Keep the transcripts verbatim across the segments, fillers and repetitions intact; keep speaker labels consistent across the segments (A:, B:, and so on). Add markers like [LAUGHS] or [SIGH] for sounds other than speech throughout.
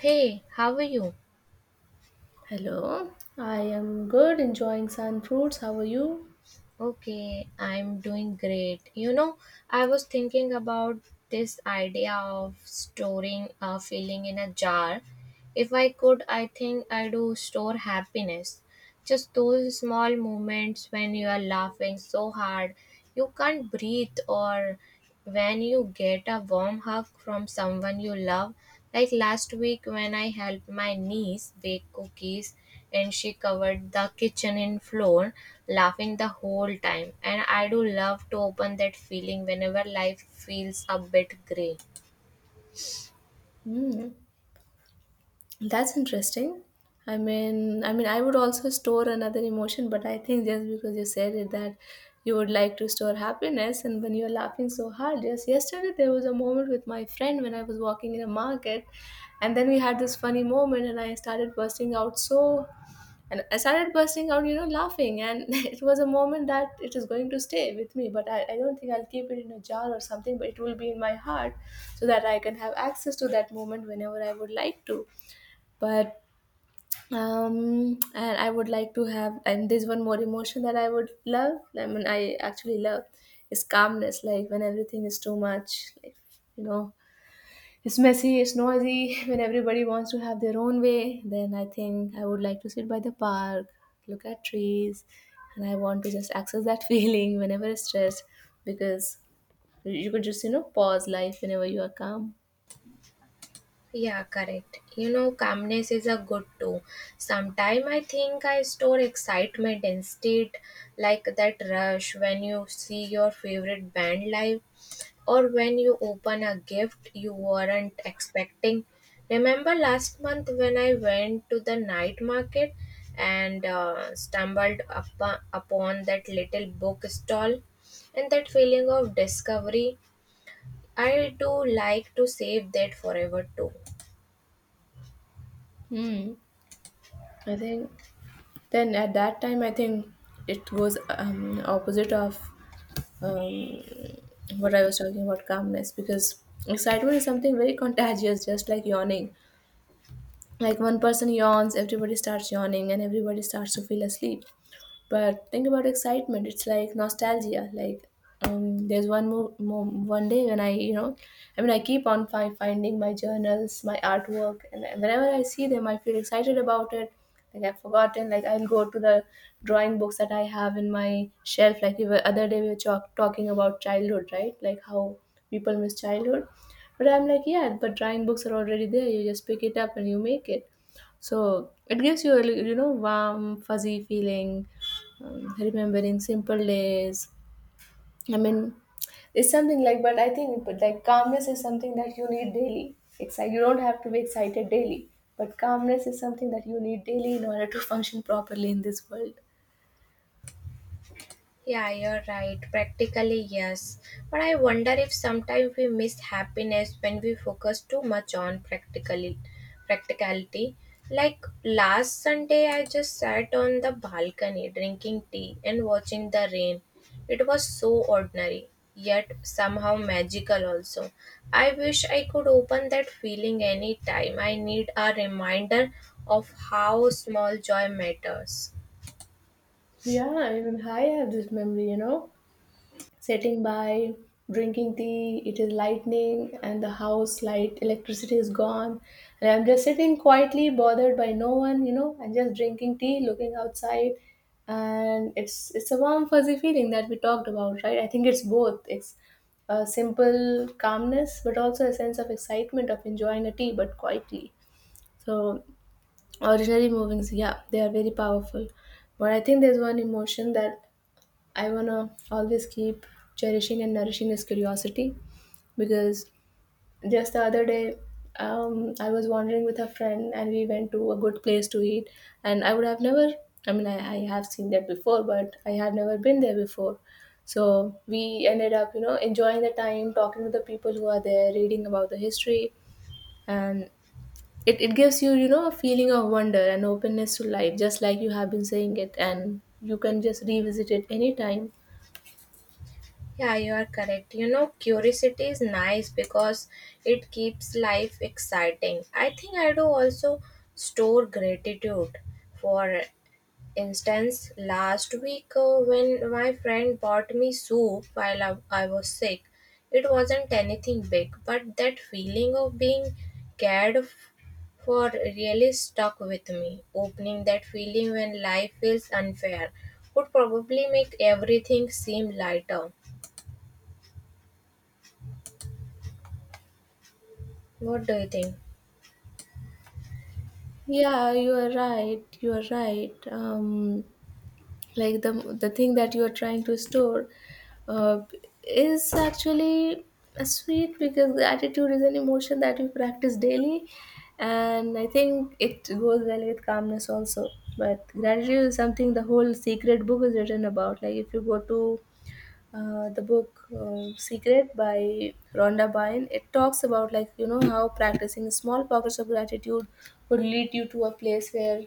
A: Hey, how are you?
B: Hello, I am good, enjoying sun fruits. How are you?
A: Okay, I'm doing great. You know, I was thinking about this idea of storing a feeling in a jar. If I could, I think I do store happiness. Just those small moments when you are laughing so hard you can't breathe, or when you get a warm hug from someone you love, like last week when I helped my niece bake cookies and she covered the kitchen in flour, laughing the whole time. And I do love to open that feeling whenever life feels a bit gray.
B: Hmm. That's interesting. I mean, I mean, I would also store another emotion, but I think just because you said it that you would like to store happiness, and when you're laughing so hard, just yesterday there was a moment with my friend when I was walking in a market, and then we had this funny moment, and I started bursting out so, and I started bursting out, you know, laughing, and [LAUGHS] it was a moment that it is going to stay with me, but I, I don't think I'll keep it in a jar or something, but it will be in my heart so that I can have access to that moment whenever I would like to. But um and I would like to have, and there's one more emotion that I would love, i mean i actually love, is calmness, like when everything is too much, like, you know, it's messy, it's noisy. [LAUGHS] When everybody wants to have their own way, then I think I would like to sit by the park, look at trees, and I want to just access that [LAUGHS] feeling whenever it's stressed, because you could just, you know, pause life whenever you are calm.
A: Yeah, correct. You know, calmness is a good too. Sometime I think I store excitement instead, like that rush when you see your favorite band live or when you open a gift you weren't expecting. Remember last month when I went to the night market and uh, stumbled up- upon that little book stall and that feeling of discovery? I do like to save that forever too.
B: Hmm. I think, then at that time, I think it goes, um, opposite of um, what I was talking about, calmness, because excitement is something very contagious, just like yawning. Like one person yawns, everybody starts yawning, and everybody starts to feel asleep. But think about excitement. It's like nostalgia. Like um, there's one mo- mo- one day when I, you know, I mean, I keep on fi- finding my journals, my artwork, and whenever I see them, I feel excited about it. Like I've forgotten. Like I'll go to the drawing books that I have in my shelf. Like the other day we were talk- talking about childhood, right? Like how people miss childhood. But I'm like, yeah, but drawing books are already there. You just pick it up and you make it. So it gives you a li- you know, warm, fuzzy feeling, um, remembering simple days. I mean, it's something like, but I think, but like, calmness is something that you need daily. Excite. You don't have to be excited daily, but calmness is something that you need daily in order to [LAUGHS] function properly in this world.
A: Yeah, you're right. Practically, yes. But I wonder if sometimes we miss happiness when we focus too much on practically practicality. Like last Sunday I just sat on the balcony drinking tea and watching the rain. It was so ordinary, yet somehow magical also. I wish I could open that feeling anytime. I need a reminder of how small joy matters.
B: Yeah, even I have this memory, you know, sitting by, drinking tea. It is lightning, and the house light, electricity is gone. And I'm just sitting quietly, bothered by no one, you know, and just drinking tea, looking outside. And it's it's a warm, fuzzy feeling that we talked about, right? I think it's both. It's a simple calmness, but also a sense of excitement of enjoying a tea, but quietly. So, ordinary movings, yeah, they are very powerful. But I think there's one emotion that I wanna always keep cherishing and nourishing his curiosity, because just the other day, um, I was wandering with a friend and we went to a good place to eat, and I would have never, I mean, I, I have seen that before but I have never been there before. So we ended up, you know, enjoying the time, talking to the people who are there, reading about the history, and it, it gives you, you know, a feeling of wonder and openness to life, just like you have been saying it, and you can just revisit it anytime.
A: Yeah, you are correct. You know, curiosity is nice because it keeps life exciting. I think I do also store gratitude. For instance, last week uh, when my friend bought me soup while I, I was sick, it wasn't anything big, but that feeling of being cared f- for really stuck with me. Opening that feeling when life feels unfair would probably make everything seem lighter. What do you think?
B: Yeah, you are right. You are right. Um, like the the thing that you are trying to store uh, is actually a sweet, because gratitude is an emotion that we practice daily, and I think it goes well with calmness also. But gratitude is something the whole secret book is written about. Like if you go to uh, the book, uh, Secret by Rhonda Byrne. It talks about, like, you know, how practicing small pockets of gratitude could lead you to a place where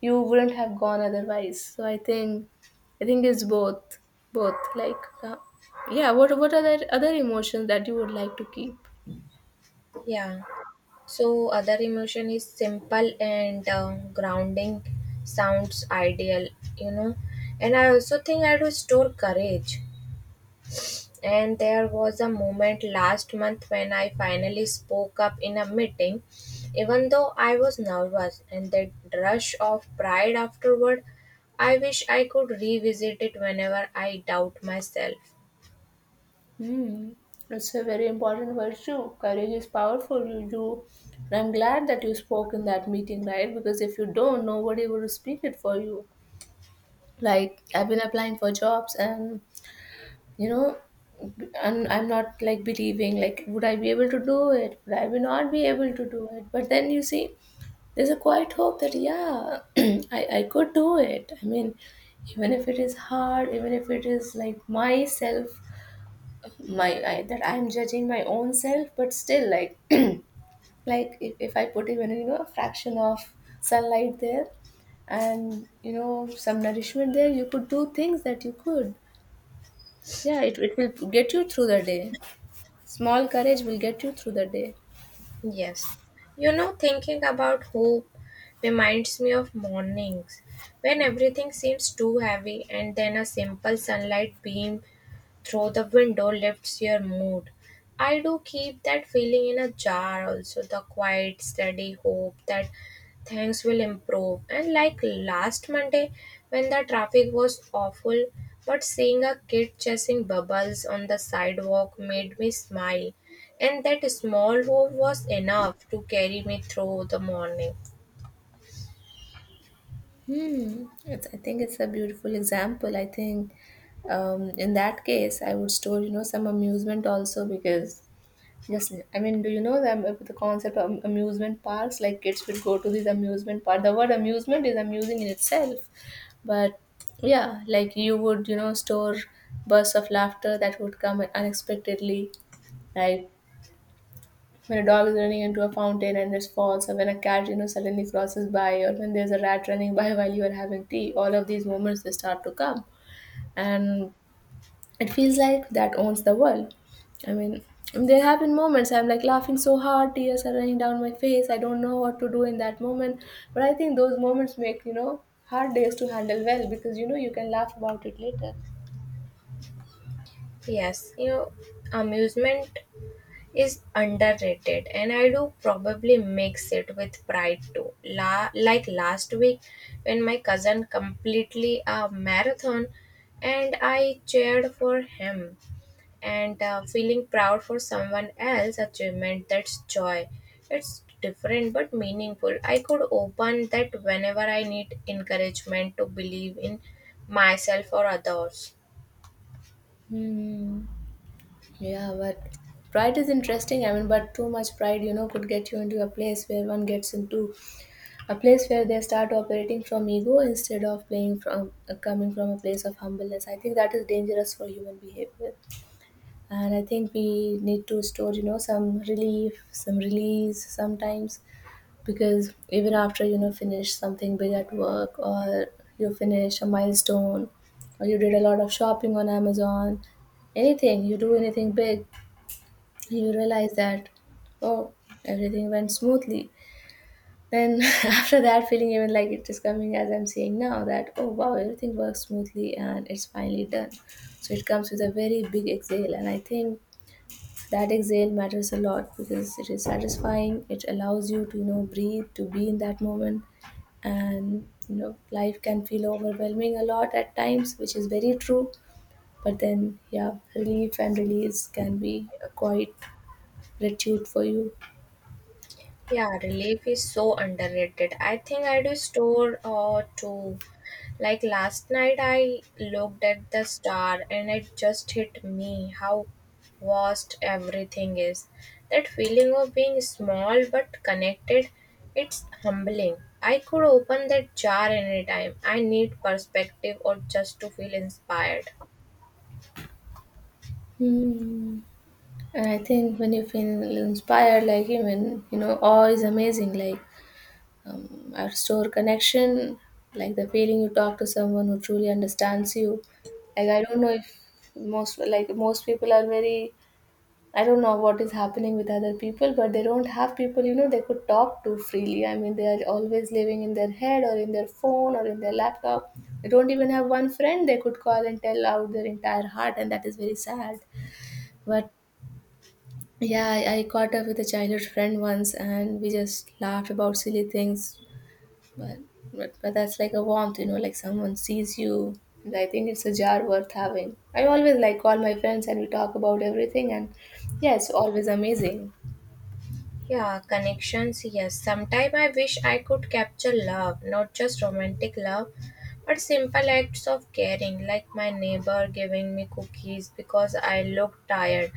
B: you wouldn't have gone otherwise. So I think I think it's both, both like, uh, yeah. What what are the other emotions that you would like to keep?
A: Yeah. So other emotion is simple and uh, grounding sounds ideal, you know. And I also think I do store courage. And there was a moment last month when I finally spoke up in a meeting, even though I was nervous. And that rush of pride afterward, I wish I could revisit it whenever I doubt myself.
B: Hmm. It's a very important virtue. Courage is powerful. You do. And I'm glad that you spoke in that meeting, right? Because if you don't, nobody would speak it for you. Like I've been applying for jobs, and you know, and I'm not like believing, like would I be able to do it, would I be not be able to do it, but then you see there's a quiet hope that, yeah, [CLEARS THROAT] i i could do it. I mean, even if it is hard, even if it is like myself, my I, that I'm judging my own self, but still, like, [CLEARS THROAT] like if, if I put even, you know, a fraction of sunlight there, and you know, some nourishment there, you could do things that you could, yeah, it, it will get you through the day. Small courage will get you through the day.
A: Yes. You know, thinking about hope reminds me of mornings when everything seems too heavy and then a simple sunlight beam through the window lifts your mood. I do keep that feeling in a jar also, the quiet, steady hope that things will improve. And like last Monday, when the traffic was awful, but seeing a kid chasing bubbles on the sidewalk made me smile. And that small hope was enough to carry me through the morning.
B: Hmm. it's, I think it's a beautiful example. I think um, in that case I would store, you know, some amusement also, because yes, I mean, do you know the, am- the concept of amusement parks? Like kids will go to these amusement park. The word amusement is amusing in itself, but yeah, like you would, you know, store bursts of laughter that would come unexpectedly, like when a dog is running into a fountain and it falls, or when a cat, you know, suddenly crosses by, or when there's a rat running by [LAUGHS] while you are having tea. All of these moments, they start to come, and it feels like that owns the world. I mean, there have been moments I'm like laughing so hard, tears are running down my face. I don't know what to do in that moment. But I think those moments make, you know, hard days to handle well, because, you know, you can laugh about it later.
A: Yes, you know, amusement is underrated, and I do probably mix it with pride too. La- like last week when my cousin completely a marathon and I cheered for him, and uh, feeling proud for someone else achievement, that's joy. It's different but meaningful. I could open that whenever I need encouragement to believe in myself or others.
B: Hmm. Yeah, but pride is interesting. I mean, but too much pride, you know, could get you into a place where one gets into a place where they start operating from ego instead of playing from, uh, coming from a place of humbleness. I think that is dangerous for human behavior. And I think we need to store, you know, some relief, some release sometimes, because even after, you know, finish something big at work, or you finish a milestone, or you did a lot of shopping on Amazon, anything you do, anything big, you realize that, oh, everything went smoothly. Then [LAUGHS] after that feeling, even like it is coming as I'm saying now, that, oh wow, everything works smoothly and it's finally done. So it comes with a very big exhale, and I think that exhale matters a lot, because it is satisfying, it allows you to, you know, breathe, to be in that moment. And you know, life can feel overwhelming a lot at times, which is very true, but then yeah, relief and release can be a quite gratitude for you.
A: Yeah, relief is so underrated. I think I do store or two. Like last night, I looked at the star and it just hit me how vast everything is. That feeling of being small but connected, it's humbling. I could open that jar anytime. I need perspective or just to feel inspired.
B: Hmm. And I think when you feel inspired, like, even, you know, awe is amazing. Like um, I restore connection, like the feeling you talk to someone who truly understands you. Like I don't know if most like most people are very, I don't know what is happening with other people, but they don't have people, you know, they could talk to freely. I mean, they are always living in their head or in their phone or in their laptop. They don't even have one friend they could call and tell out their entire heart, and that is very sad. But yeah, I, I caught up with a childhood friend once and we just laughed about silly things, but but but that's like a warmth, you know, like someone sees you, and I think it's a jar worth having. I always like call my friends and we talk about everything, and yeah, it's always amazing.
A: Yeah, connections, yes. Sometime I wish I could capture love, not just romantic love, but simple acts of caring, like my neighbor giving me cookies because I look tired,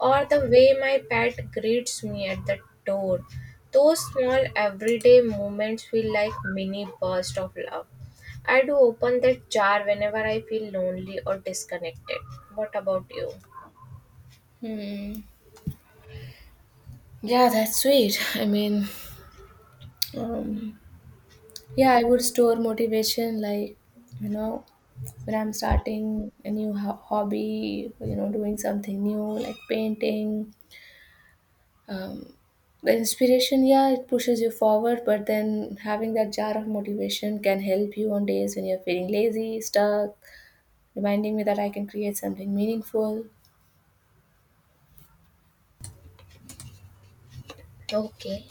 A: or the way my pet greets me at the door. Those small everyday moments feel like mini bursts of love. I do open that jar whenever I feel lonely or disconnected. What about you?
B: Hmm. Yeah, that's sweet. [LAUGHS] I mean, um, yeah, I would store motivation, like, you know, when I'm starting a new ho- hobby, you know, doing something new like painting. Um, the inspiration, yeah, it pushes you forward, but then having that jar of motivation can help you on days when you're feeling lazy, stuck, reminding me that I can create something meaningful.
A: Okay.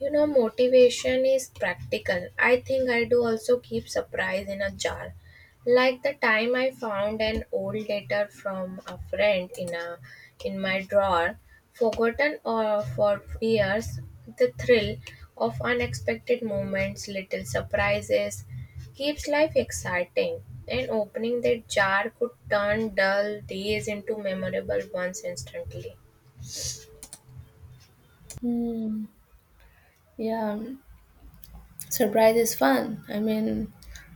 A: You know, motivation is practical. I think I do also keep surprise in a jar. Like the time I found an old letter from a friend in a in my drawer, forgotten or for years, the thrill of unexpected moments, little surprises, keeps life exciting. And opening that jar could turn dull days into memorable ones instantly.
B: Hmm. Yeah, surprise is fun. I mean,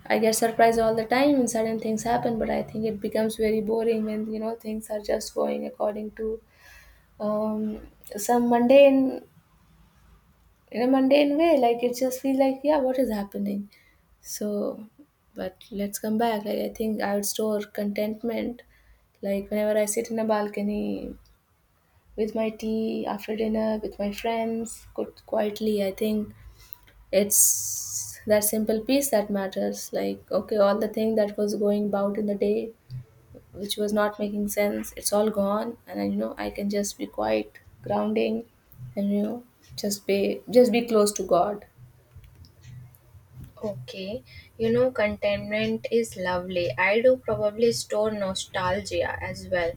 B: I get surprised all the time when certain things happen, but I think it becomes very boring when you know things are just going according to, um, some mundane, in a mundane way. Like it just feels like, yeah, what is happening? So, but let's come back. Like, I think I would store contentment. Like, whenever I sit in a balcony with my tea after dinner with my friends, quite quietly, I think it's that simple peace that matters. Like, okay, all the thing that was going about in the day, which was not making sense, it's all gone. And, I, you know, I can just be quiet, grounding, and, you know, just be, just be close to God.
A: Okay, you know, contentment is lovely. I do probably store nostalgia as well,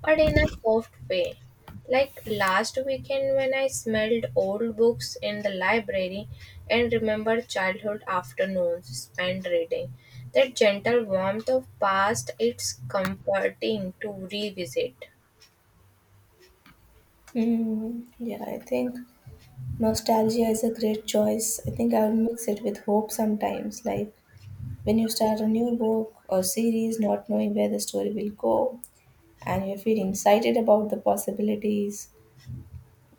A: but in a soft way. Like last weekend, when I smelled old books in the library and remembered childhood afternoons spent reading, that gentle warmth of past, it's comforting to revisit.
B: Hmm. Yeah, I think. Nostalgia is a great choice. I think I'll mix it with hope sometimes, like when you start a new book or series not knowing where the story will go, and you feel excited about the possibilities,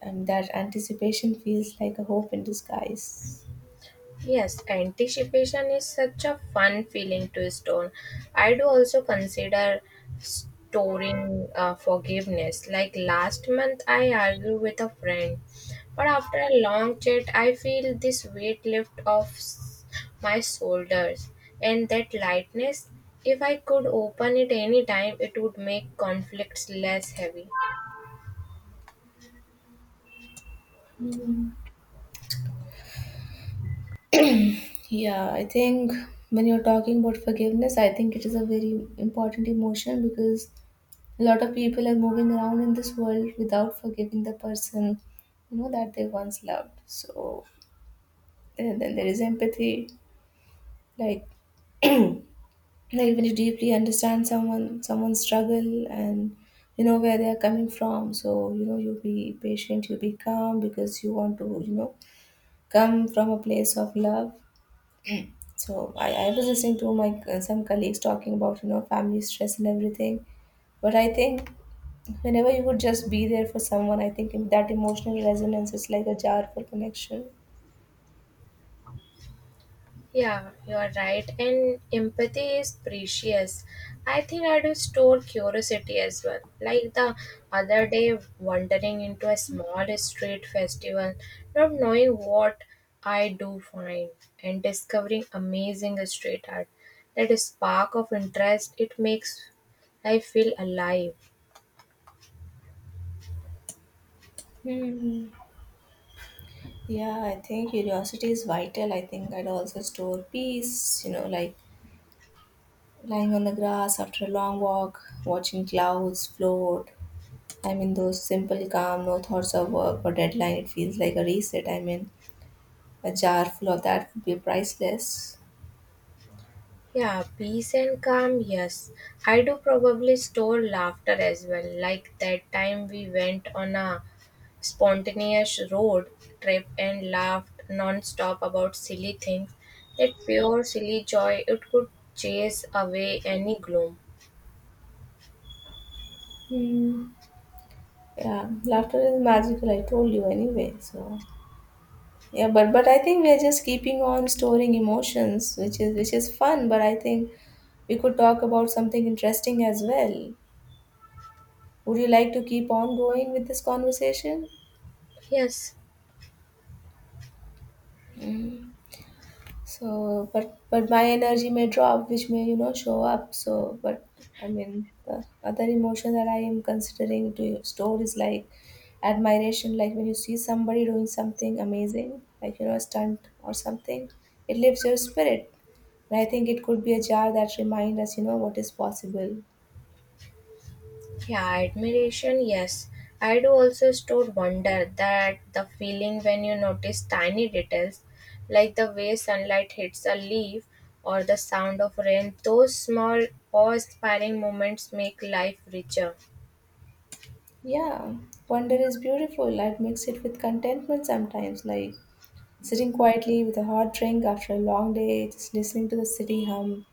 B: and that anticipation feels like a hope in disguise.
A: Yes, anticipation is such a fun feeling to store. I do also consider storing uh, forgiveness. Like last month, I argued with a friend, but after a long chat, I feel this weight lift off s- my shoulders and that lightness. If I could open it anytime, it would make conflicts less heavy.
B: Hmm. Yeah, I think when you're talking about forgiveness, I think it is a very important emotion because a lot of people are moving around in this world without forgiving the person, you know, that they once loved. So, and then there is empathy like like when you deeply understand someone someone's struggle, and you know where they are coming from, so you know you be patient, you be calm because you want to you know come from a place of love. So i, I was listening to my uh, some colleagues talking about you know family stress and everything, but I think whenever you would just be there for someone, I think that emotional resonance is like a jar for connection.
A: Yeah, you are right. And empathy is precious. I think I do store curiosity as well. Like the other day, wandering into a small street festival, not knowing what I do find, and discovering amazing street art. That spark of interest, it makes I feel alive.
B: Hmm. Yeah, I think curiosity is vital. I think I'd also store peace, you know, like lying on the grass after a long walk, watching clouds float. I mean, those simple, calm, no thoughts of work or deadline. It feels like a reset. I mean, a jar full of that would be priceless.
A: Yeah, peace and calm, yes. I do probably store laughter as well, like that time we went on a spontaneous road trip and laughed non-stop about silly things. That pure silly joy, it could chase away any gloom.
B: Hmm. Yeah, laughter is magical. I told you anyway. So yeah, but but I think we are just keeping on storing emotions, which is which is fun. But I think we could talk about something interesting as well. Would you like to keep on going with this conversation?
A: Yes.
B: So, but but my energy may drop, which may you know show up. So, but I mean, the other emotion that I am considering to store is like admiration. Like when you see somebody doing something amazing, like you know a stunt or something, it lifts your spirit. And I think it could be a jar that reminds us, you know, what is possible.
A: Yeah, admiration, yes. I do also store wonder, that the feeling when you notice tiny details like the way sunlight hits a leaf or the sound of rain, those small awe inspiring moments make life richer.
B: Yeah, wonder is beautiful. I'd mix it with contentment sometimes. Like sitting quietly with a hot drink after a long day, just listening to the city hum.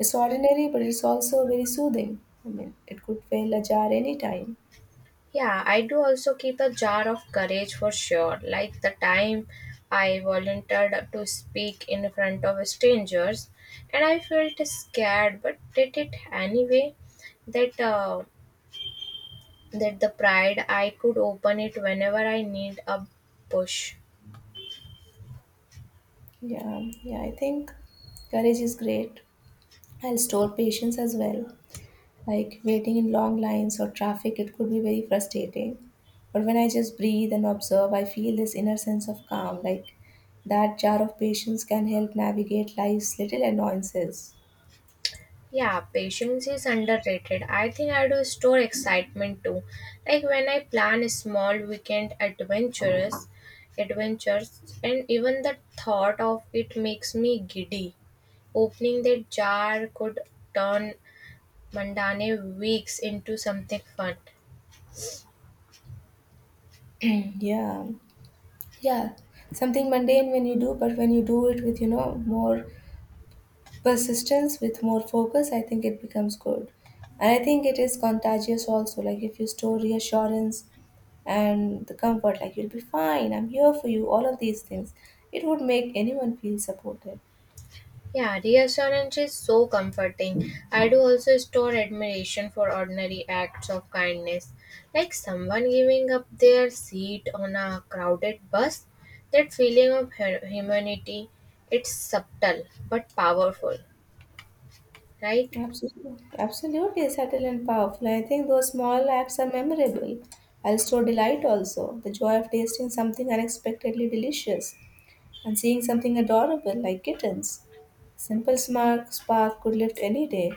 B: It's ordinary, but it's also very soothing. I mean, it could fail ajar anytime.
A: Yeah, I do also keep a jar of courage for sure. Like the time I volunteered to speak in front of strangers and I felt scared but did it anyway. That uh, that the pride I could open it whenever I need a push.
B: Yeah, yeah, I think courage is great. I'll store patience as well. Like waiting in long lines or traffic, it could be very frustrating. But when I just breathe and observe, I feel this inner sense of calm. Like that jar of patience can help navigate life's little annoyances.
A: Yeah, patience is underrated. I think I do store excitement too. Like when I plan small weekend adventures, adventures, and even the thought of it makes me giddy. Opening that jar could turn mundane weeks into something fun.
B: [CLEARS THROAT] Yeah. Yeah, something mundane when you do, but when you do it with, you know, more persistence, with more focus, I think it becomes good. And I think it is contagious also. Like if you store reassurance and the comfort, like you'll be fine, I'm here for you, all of these things, it would make anyone feel supported.
A: Yeah, reassurance is so comforting. I do also store admiration for ordinary acts of kindness, like someone giving up their seat on a crowded bus. That feeling of hu- humanity, it's subtle but powerful, right?
B: Absolutely. Absolutely subtle and powerful. I think those small acts are memorable. I'll store delight also, the joy of tasting something unexpectedly delicious, and seeing something adorable like kittens. Simple spark, spark could lift any day.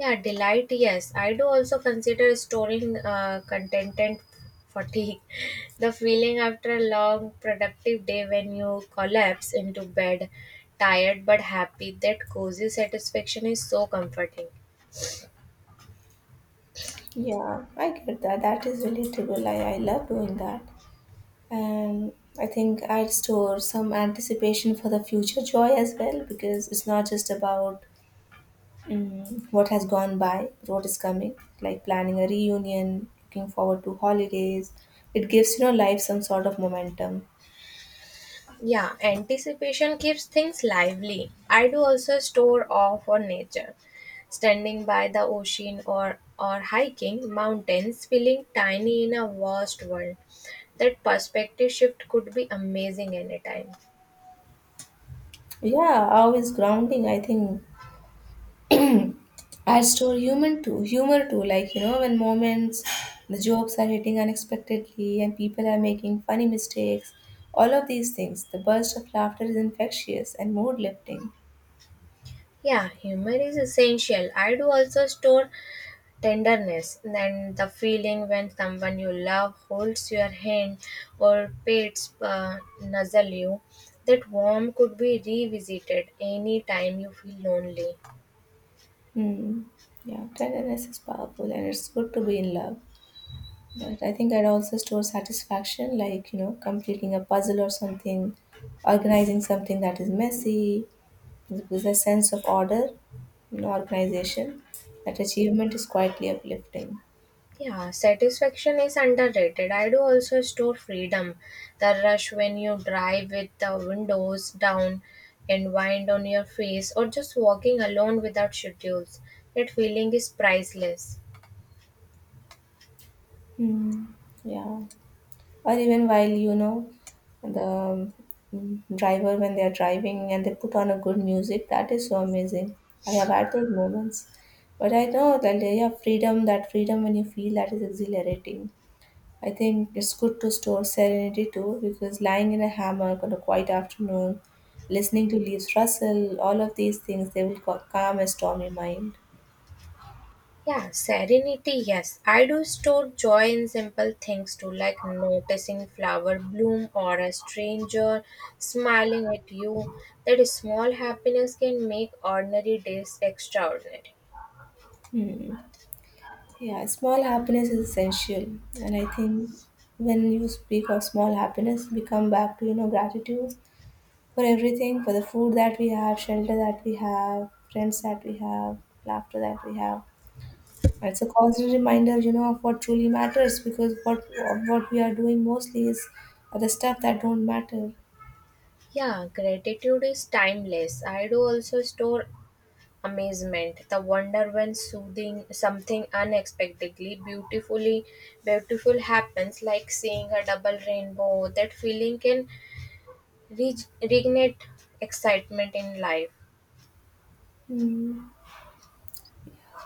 A: Yeah, delight, yes. I do also consider storing uh, contentment fatigue. [LAUGHS] The feeling after a long, productive day when you collapse into bed, tired but happy, that cozy satisfaction is so comforting.
B: Yeah, I get that. That is relatable. I, I love doing that. And I think I'd store some anticipation for the future joy as well because it's not just about mm, what has gone by, but what is coming, like planning a reunion, looking forward to holidays. It gives, you know, life some sort of momentum.
A: Yeah, anticipation keeps things lively. I do also store awe for nature. Standing by the ocean, or, or hiking mountains, feeling tiny in a vast world. That perspective shift could be amazing anytime.
B: Yeah, always grounding? I think I store human too, humor too, like you know, when moments, the jokes are hitting unexpectedly and people are making funny mistakes, all of these things, the burst of laughter is infectious and mood lifting.
A: Yeah, humor is essential. I do also store tenderness, and the feeling when someone you love holds your hand or pets uh, nuzzle you, that warmth could be revisited any time you feel lonely.
B: Hmm. Yeah, tenderness is powerful and it's good to be in love. But I think I'd also store satisfaction, like you know, completing a puzzle or something, organizing something that is messy. There's a sense of order and organization. That achievement is quietly uplifting.
A: Yeah, satisfaction is underrated. I do also store freedom, the rush when you drive with the windows down and wind on your face, or just walking alone without schedules, that feeling is priceless.
B: Mm, yeah. Or even while, you know, the um, driver, when they are driving and they put on a good music, that is so amazing. I have had those moments. But I know that they have freedom, that freedom when you feel that is exhilarating. I think it's good to store serenity too, because lying in a hammock on a quiet afternoon, listening to leaves rustle, all of these things, they will ca- calm a stormy mind.
A: Yeah, serenity, yes. I do store joy in simple things too, like noticing flower bloom or a stranger smiling at you. That small happiness can make ordinary days extraordinary.
B: Hmm. Yeah, small happiness is essential. And I think when you speak of small happiness, we come back to, you know, gratitude for everything, for the food that we have, shelter that we have, friends that we have, laughter that we have. It's a constant reminder, you know, of what truly matters because what what we are doing mostly is the stuff that don't matter.
A: Yeah, gratitude is timeless. I do also store amazement, the wonder when soothing something unexpectedly beautifully beautiful happens, like seeing a double rainbow. That feeling can Reg- reignite excitement in life.
B: Mm.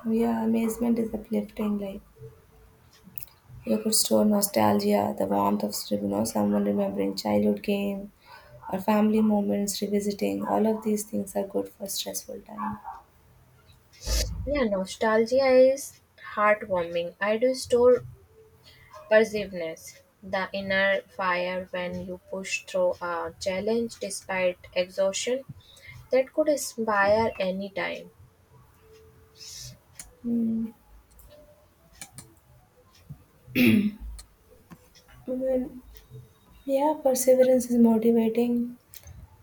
B: Yeah, amazement is uplifting, like you could store nostalgia, the warmth of you know, someone remembering childhood game or family moments, revisiting. All of these things are good for stressful time.
A: Yeah, nostalgia is heartwarming. I do store persiveness, the inner fire when you push through a challenge despite exhaustion, that could inspire any time.
B: Mm. Well, yeah, perseverance is motivating.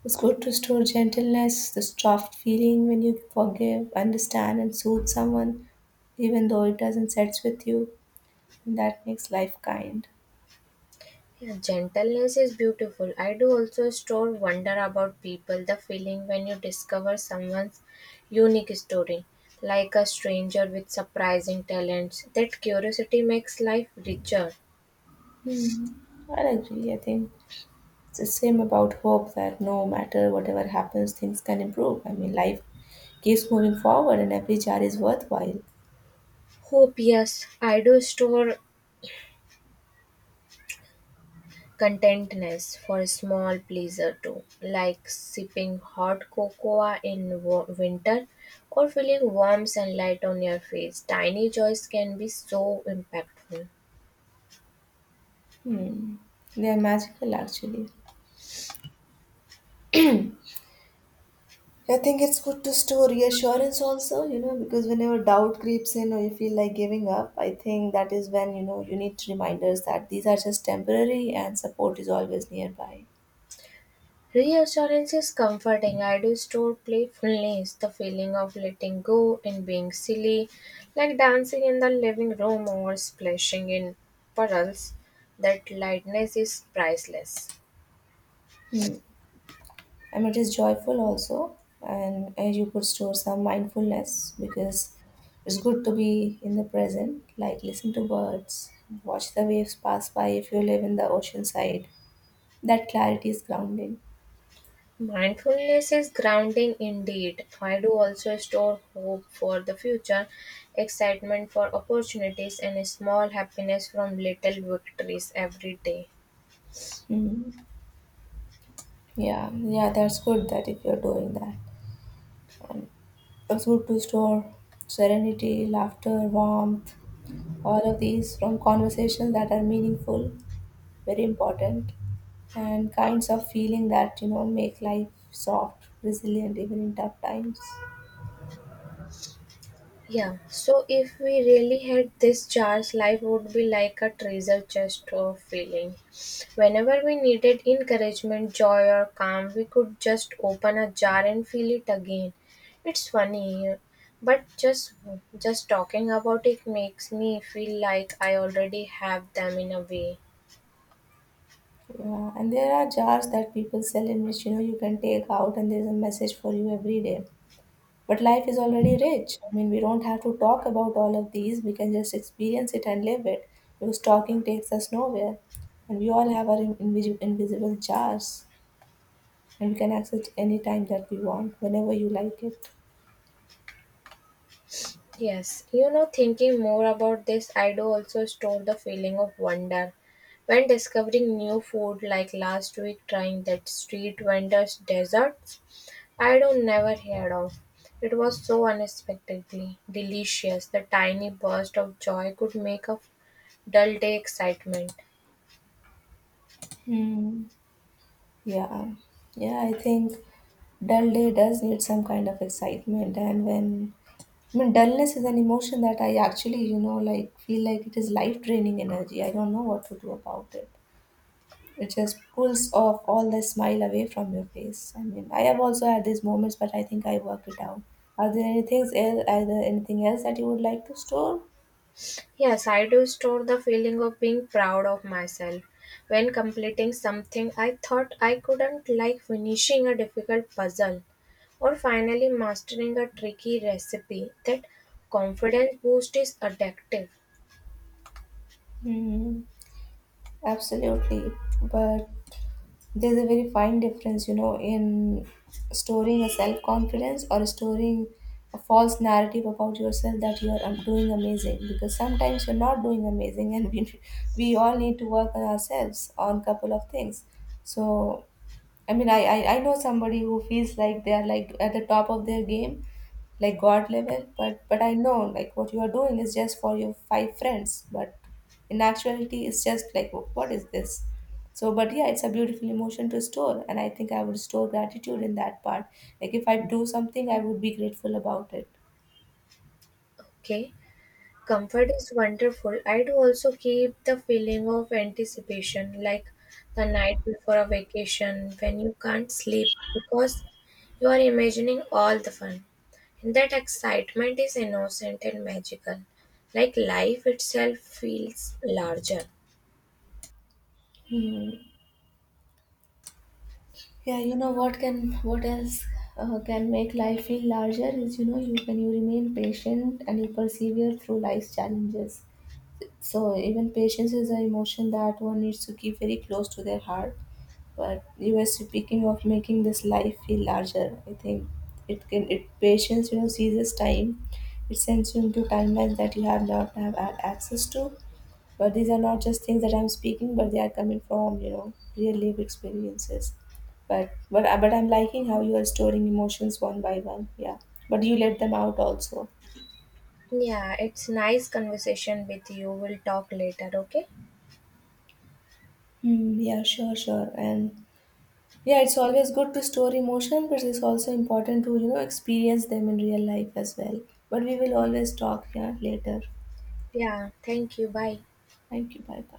B: It's good to store gentleness, the soft feeling when you forgive, understand, and soothe someone, even though it doesn't sets with you. That makes life kind.
A: Yeah, gentleness is beautiful. I do also store wonder about people, the feeling when you discover someone's unique story, like a stranger with surprising talents. That curiosity makes life richer.
B: Hmm. I agree, I think. It's the same about hope that no matter whatever happens, things can improve. I mean, life keeps moving forward and every jar is worthwhile.
A: Hope, yes. I do store contentness for small pleasure too, like sipping hot cocoa in wo- winter or feeling warm sunlight on your face. Tiny joys can be so impactful.
B: Hmm. They are magical actually. I think it's good to store reassurance also, you know, because whenever doubt creeps in or you feel like giving up, I think that is when, you know, you need reminders that these are just temporary and support is always nearby.
A: Reassurance is comforting. I do store playfulness, the feeling of letting go and being silly, like dancing in the living room or splashing in puddles. That lightness is priceless.
B: And it is joyful also. And uh, you could store some mindfulness because it's good to be in the present, like listen to birds, watch the waves pass by if you live in the ocean side. That clarity is grounding.
A: Mindfulness is grounding indeed. I do also store hope for the future, excitement for opportunities, and small happiness from little victories every day.
B: Mhm. Yeah, yeah, that's good that if you're doing that, a food to store, serenity, laughter, warmth, all of these from conversations that are meaningful, very important, and kinds of feeling that you know make life soft, resilient even in tough times.
A: Yeah, so if we really had this chance, life would be like a treasure chest of feeling. Whenever we needed encouragement, joy, or calm, we could just open a jar and feel it again. It's funny, yeah, but just just talking about it makes me feel like I already have them in a way.
B: Yeah, and there are jars that people sell in which you know you can take out, and there's a message for you every day. But life is already rich. I mean, we don't have to talk about all of these. We can just experience it and live it because talking takes us nowhere. And we all have our invisible, invisible jars and we can access it any time that we want, whenever you like it.
A: Yes, you know, thinking more about this, I do also store the feeling of wonder when discovering new food, like last week trying that street vendor's desserts I don't never heard of. It was so unexpectedly delicious. The tiny burst of joy could make a dull day excitement.
B: Hmm. Yeah. Yeah, I think dull day does need some kind of excitement. And when, I mean, dullness is an emotion that I actually, you know, like feel like it is life draining energy. I don't know what to do about it. It just pulls off all the smile away from your face. I mean, I have also had these moments, but I think I worked it out. Are there any things else? Are there anything else that you would like to store?
A: Yes, I do store the feeling of being proud of myself when completing something I thought I couldn't, like finishing a difficult puzzle or finally mastering a tricky recipe. That confidence boost is addictive.
B: Hmm, absolutely, but there's a very fine difference, you know, in storing a self confidence or storing a false narrative about yourself that you are um, doing amazing because sometimes you're not doing amazing [LAUGHS] and we, we all need to work on ourselves on couple of things. So I mean, I, I, I know somebody who feels like they are like at the top of their game, like God level, but but I know like what you are doing is just for your five friends, but in actuality, it's just like wh- what is this? So, but yeah, it's a beautiful emotion to store, and I think I would store gratitude in that part. Like if I do something, I would be grateful about it.
A: Okay, comfort is wonderful. I do also keep the feeling of anticipation, like the night before a vacation when you can't sleep because you are imagining all the fun. And that excitement is innocent and magical, like life itself feels larger.
B: Hmm. Yeah, you know what can what else uh, can make life feel larger is you know you when you remain patient and you persevere through life's challenges. So even patience is an emotion that one needs to keep very close to their heart. But you were speaking of making this life feel larger. I think it can it patience you know seizes time. It sends you into timelines that you have not have had access to, but these are not just things that I'm speaking, but they are coming from you know real life experiences. But but uh, but I'm liking how you are storing emotions one by one. Yeah, but you let them out also.
A: Yeah, it's nice conversation with you. We'll talk later, okay?
B: Hmm, yeah, sure, sure. And yeah, it's always good to store emotion, but it's also important to, you know, experience them in real life as well. But we will always talk, yeah, later. Yeah.
A: Yeah, thank you. Bye.
B: Thank you. Bye bye.